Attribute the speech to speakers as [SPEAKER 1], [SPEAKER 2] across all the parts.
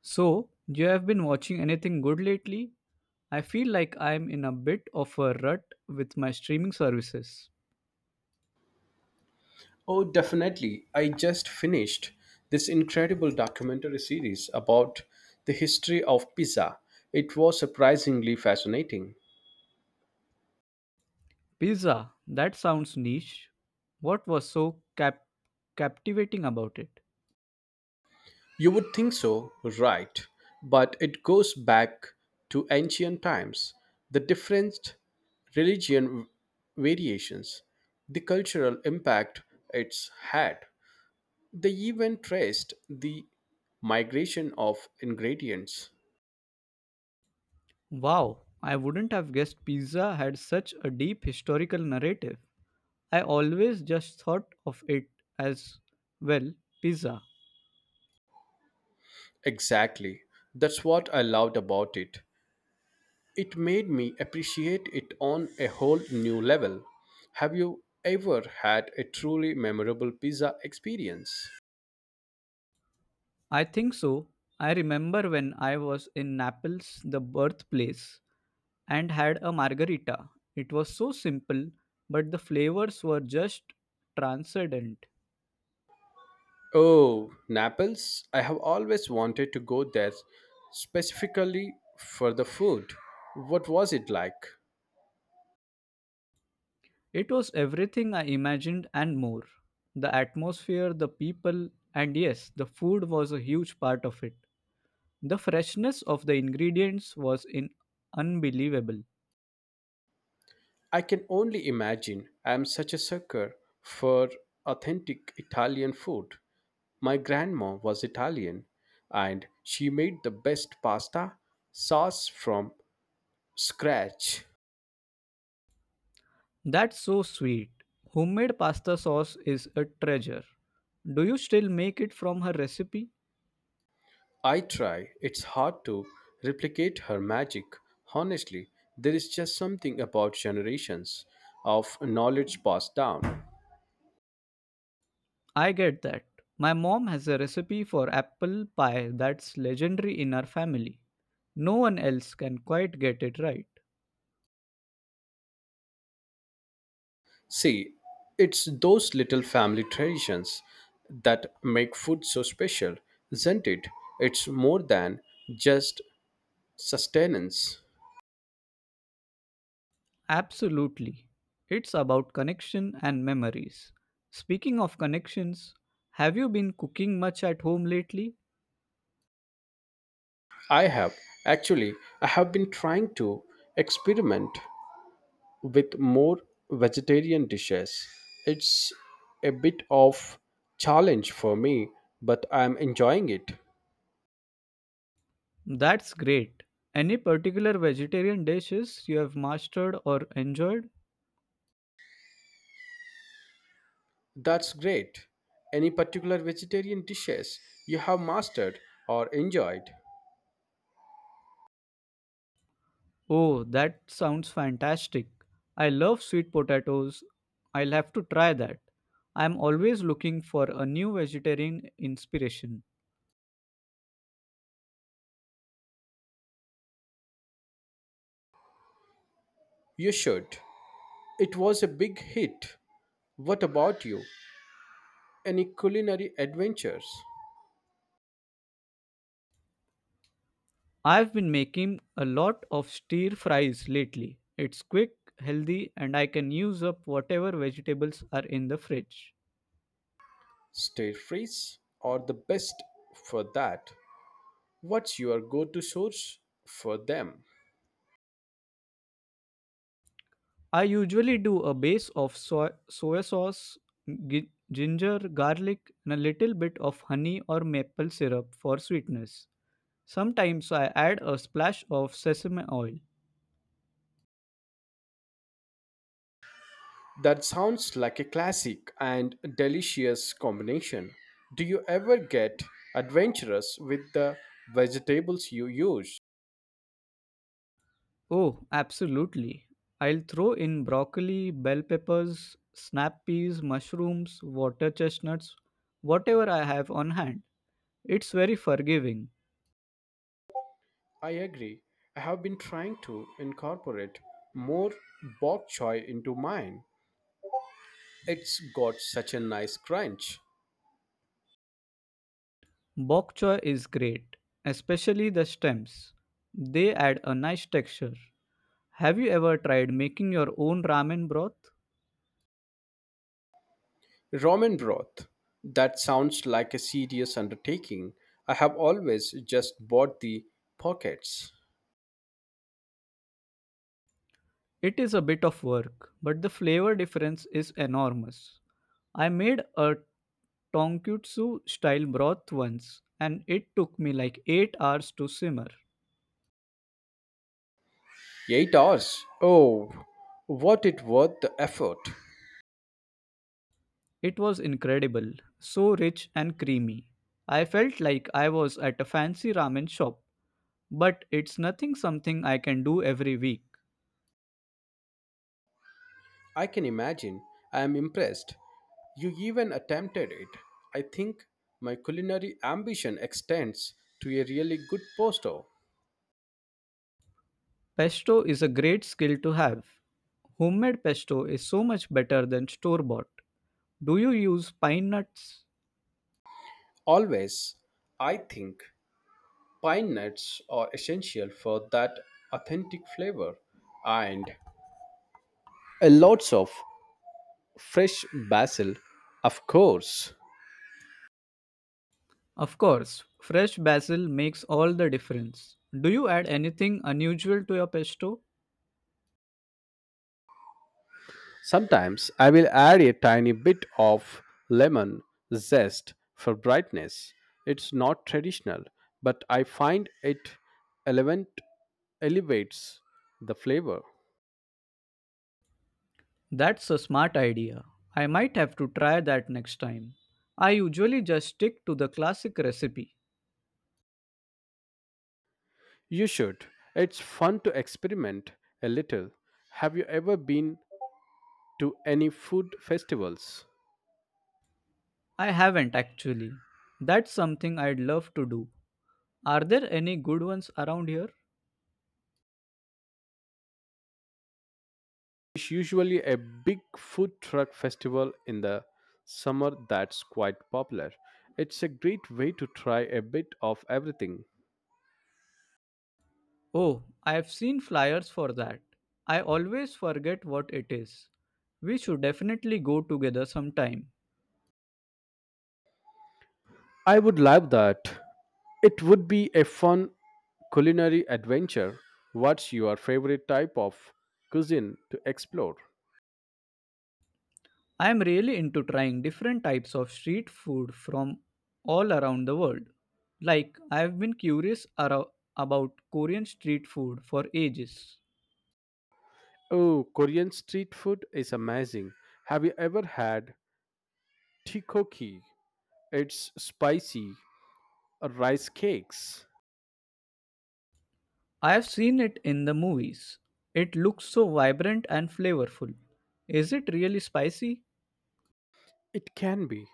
[SPEAKER 1] So, you have been watching anything good lately? I feel like I'm in a bit of a rut with my streaming services.
[SPEAKER 2] Oh, definitely. I just finished this incredible documentary series about the history of pizza. It was surprisingly fascinating.
[SPEAKER 1] Pizza, that sounds niche. What was captivating about it?
[SPEAKER 2] You would think so, right? But it goes back to ancient times, the different religion variations, the cultural impact it's had. They even traced the migration of ingredients.
[SPEAKER 1] Wow, I wouldn't have guessed pizza had such a deep historical narrative. I always just thought of it as, well, pizza.
[SPEAKER 2] Exactly. That's what I loved about it. It made me appreciate it on a whole new level. Have you ever had a truly memorable pizza experience?
[SPEAKER 1] I think so. I remember when I was in Naples, the birthplace, and had a margarita. It was so simple, but the flavors were just transcendent.
[SPEAKER 2] Oh, Naples. I have always wanted to go there specifically for the food. What was it like?
[SPEAKER 1] It was everything I imagined and more. The atmosphere, the people, and yes, the food was a huge part of it. The freshness of the ingredients was in unbelievable.
[SPEAKER 2] I can only imagine. I am such a sucker for authentic Italian food. My grandma was Italian and she made the best pasta sauce from scratch.
[SPEAKER 1] That's so sweet. Homemade pasta sauce is a treasure. Do you still make it from her recipe?
[SPEAKER 2] I try. It's hard to replicate her magic. Honestly, there is just something about generations of knowledge passed down.
[SPEAKER 1] I get that. My mom has a recipe for apple pie that's legendary in our family. No one else can quite get it right.
[SPEAKER 2] See, it's those little family traditions that make food so special, isn't it? It's more than just sustenance.
[SPEAKER 1] Absolutely. It's about connection and memories. Speaking of connections, have you been cooking much at home lately?
[SPEAKER 2] I have actually I have been trying to experiment with more vegetarian dishes. It's a bit of challenge for me, but I'm enjoying it.
[SPEAKER 1] That's great. Any particular vegetarian dishes you have mastered or enjoyed?
[SPEAKER 2] That's great. Any particular vegetarian dishes you have mastered or enjoyed?
[SPEAKER 1] Oh, that sounds fantastic. I love sweet potatoes. I'll have to try that. I'm always looking for a new vegetarian inspiration.
[SPEAKER 2] You should. It was a big hit. What about you? Any culinary adventures?
[SPEAKER 1] I've been making a lot of stir fries lately. It's quick, healthy, and I can use up whatever vegetables are in the fridge.
[SPEAKER 2] Stir fries are the best for that. What's your go to source for them?
[SPEAKER 1] I usually do a base of soy sauce, ginger, garlic, and a little bit of honey or maple syrup for sweetness. Sometimes I add a splash of sesame oil.
[SPEAKER 2] That sounds like a classic and delicious combination. Do you ever get adventurous with the vegetables you use?
[SPEAKER 1] Oh, absolutely. I'll throw in broccoli, bell peppers, snap peas, mushrooms, water chestnuts, whatever I have on hand. It's very forgiving.
[SPEAKER 2] I agree. I have been trying to incorporate more bok choy into mine. It's got such a nice crunch.
[SPEAKER 1] Bok choy is great, especially the stems. They add a nice texture. Have you ever tried making your own ramen broth?
[SPEAKER 2] Ramen broth. That sounds like a serious undertaking. I have always just bought the pockets.
[SPEAKER 1] It is a bit of work, but the flavor difference is enormous. I made a tonkatsu style broth once, and it took me like 8 hours to simmer.
[SPEAKER 2] 8 hours. Oh, what it worth the effort.
[SPEAKER 1] It was incredible, so rich and creamy. I felt like I was at a fancy ramen shop, but it's nothing something I can do every week.
[SPEAKER 2] I can imagine. I am impressed. You even attempted it. I think my culinary ambition extends to a really good posto.
[SPEAKER 1] Pesto is a great skill to have. Homemade pesto is so much better than store bought. Do you use pine nuts?
[SPEAKER 2] Always, I think pine nuts are essential for that authentic flavor and a lots of fresh basil, of course.
[SPEAKER 1] Of course, fresh basil makes all the difference. Do you add anything unusual to your pesto?
[SPEAKER 2] Sometimes I will add a tiny bit of lemon zest for brightness. It's not traditional, but I find it element elevates the flavor.
[SPEAKER 1] That's a smart idea. I might have to try that next time. I usually just stick to the classic recipe.
[SPEAKER 2] You should. It's fun to experiment a little. Have you ever been to any food festivals?
[SPEAKER 1] I haven't actually. That's something I'd love to do. Are there any good ones around here?
[SPEAKER 2] It's usually a big food truck festival in the summer that's quite popular. It's a great way to try a bit of everything.
[SPEAKER 1] Oh, I've seen flyers for that. I always forget what it is. We should definitely go together sometime.
[SPEAKER 2] I would love that. It would be a fun culinary adventure. What's your favorite type of cuisine to explore?
[SPEAKER 1] I am really into trying different types of street food from all around the world. Like, I have been about Korean street food for ages.
[SPEAKER 2] Oh, Korean street food is amazing. Have you ever had tteokbokki? It's spicy rice cakes.
[SPEAKER 1] I have seen it in the movies. It looks so vibrant and flavorful. Is it really spicy?
[SPEAKER 2] It can be,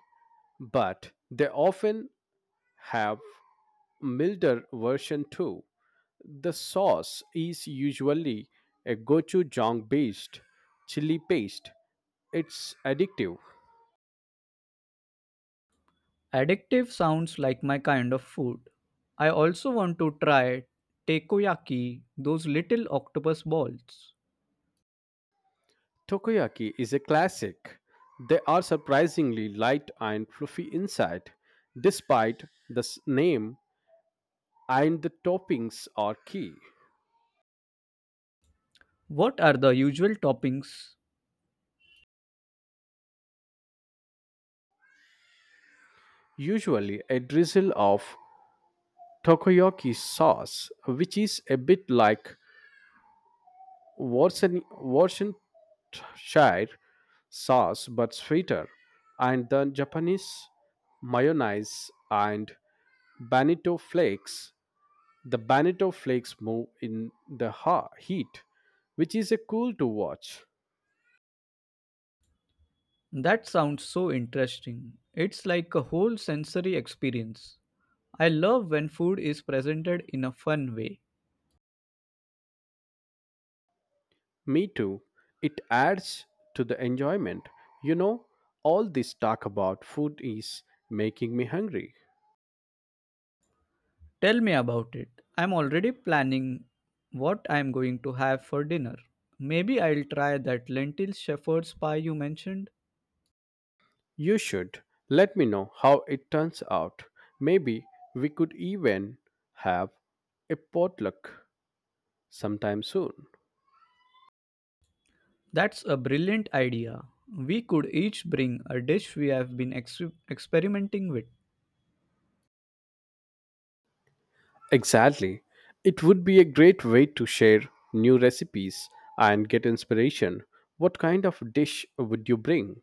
[SPEAKER 2] but they often have milder version too. The sauce is usually a gochujang based chili paste. It's addictive.
[SPEAKER 1] Addictive sounds like my kind of food. I also want to try takoyaki, those little octopus balls.
[SPEAKER 2] Takoyaki is a classic. They are surprisingly light and fluffy inside, despite the name, and the toppings are key.
[SPEAKER 1] What are the usual toppings?
[SPEAKER 2] Usually, a drizzle of takoyaki sauce, which is a bit like Worcestershire sauce but sweeter, and the Japanese mayonnaise and bonito flakes. The Bonito flakes move in the heat, which is a cool to watch.
[SPEAKER 1] That sounds so interesting. It's like a whole sensory experience. I love when food is presented in a fun way.
[SPEAKER 2] Me too. It adds to the enjoyment. You know, all this talk about food is making me hungry.
[SPEAKER 1] Tell me about it. I'm already planning what I'm going to have for dinner. Maybe I'll try that lentil shepherd's pie you mentioned.
[SPEAKER 2] You should let me know how it turns out. Maybe we could even have a potluck sometime soon.
[SPEAKER 1] That's a brilliant idea. We could each bring a dish we have experimenting with.
[SPEAKER 2] Exactly. It would be a great way to share new recipes and get inspiration. What kind of dish would you bring?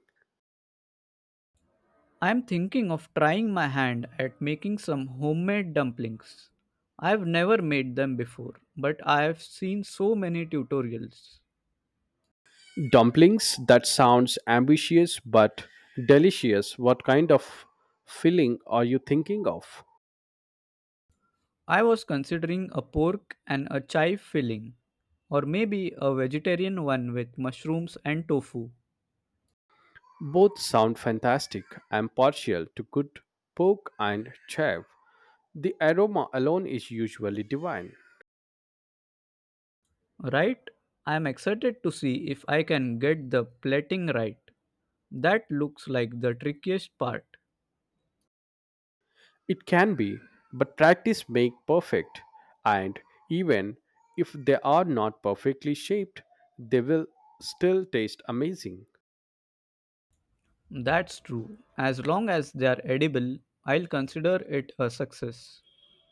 [SPEAKER 1] I'm thinking of trying my hand at making some homemade dumplings. I've never made them before, but I've seen so many tutorials.
[SPEAKER 2] Dumplings, that sounds ambitious but delicious. What kind of filling are you thinking of?
[SPEAKER 1] I was considering a pork and a chive filling, or maybe a vegetarian one with mushrooms and tofu.
[SPEAKER 2] Both sound fantastic. I'm partial to good pork and chive. The aroma alone is usually divine.
[SPEAKER 1] Right? I'm excited to see if I can get the plating right. That looks like the trickiest part.
[SPEAKER 2] It can be, but practice make perfect. And even if they are not perfectly shaped, they will still taste amazing.
[SPEAKER 1] That's true. As long as they're edible, I'll consider it a success.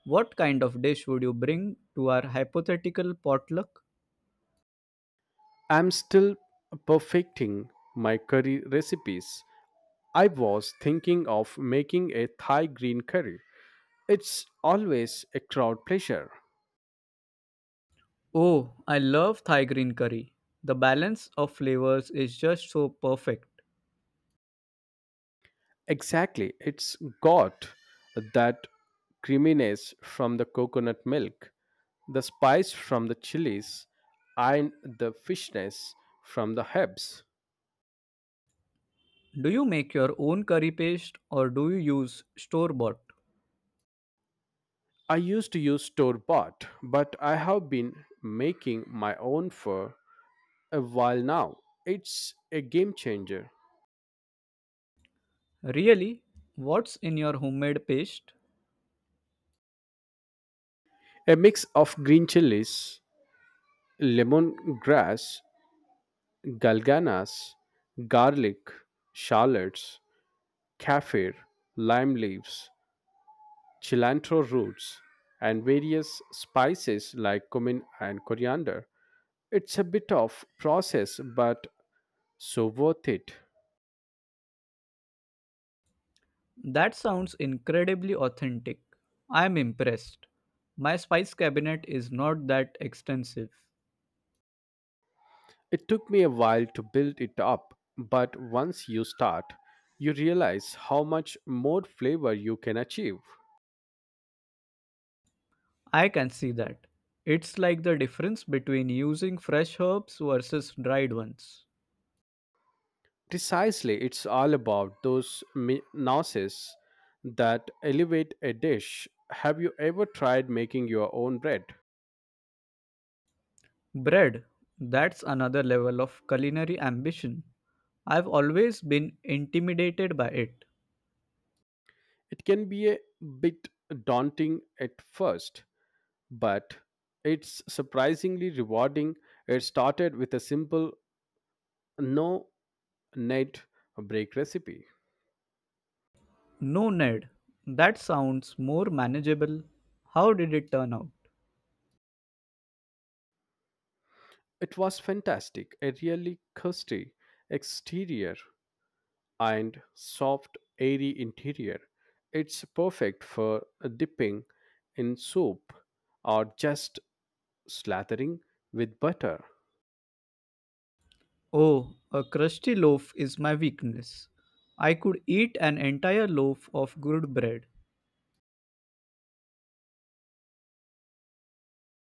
[SPEAKER 1] What kind of dish would you bring to our hypothetical potluck?
[SPEAKER 2] I'm still perfecting my curry recipes. I was thinking of making a Thai green curry. It's always a crowd pleasure.
[SPEAKER 1] Oh, I love Thai green curry. The balance of flavors is just so perfect.
[SPEAKER 2] Exactly, it's got that creaminess from the coconut milk, the spice from the chilies, and the fishness from the herbs.
[SPEAKER 1] Do you make your own curry paste or do you use store bought?
[SPEAKER 2] I used to use store bought, but I have been making my own for a while now. It's a game changer.
[SPEAKER 1] Really? What's in your homemade paste?
[SPEAKER 2] A mix of green chilies, lemongrass, galganas, garlic, shallots, kaffir, lime leaves, cilantro roots, and various spices like cumin and coriander. It's a bit of process but so worth it.
[SPEAKER 1] That sounds incredibly authentic. I'm impressed. My spice cabinet is not that extensive.
[SPEAKER 2] It took me a while to build it up, but once you start, you realize how much more flavor you can achieve.
[SPEAKER 1] I can see that. It's like the difference between using fresh herbs versus dried ones.
[SPEAKER 2] Precisely, it's all about those nuances that elevate a dish. Have you ever tried making your own bread?
[SPEAKER 1] Bread, that's another level of culinary ambition. I've always been intimidated by it.
[SPEAKER 2] It can be a bit daunting at first, but it's surprisingly rewarding. It started with a simple no net break recipe.
[SPEAKER 1] No, Ned, that sounds more manageable. How did it turn out?
[SPEAKER 2] It was fantastic, a really crusty exterior and soft, airy interior. It's perfect for dipping in soup or just slathering with butter.
[SPEAKER 1] Oh, a crusty loaf is my weakness. I could eat an entire loaf of good bread,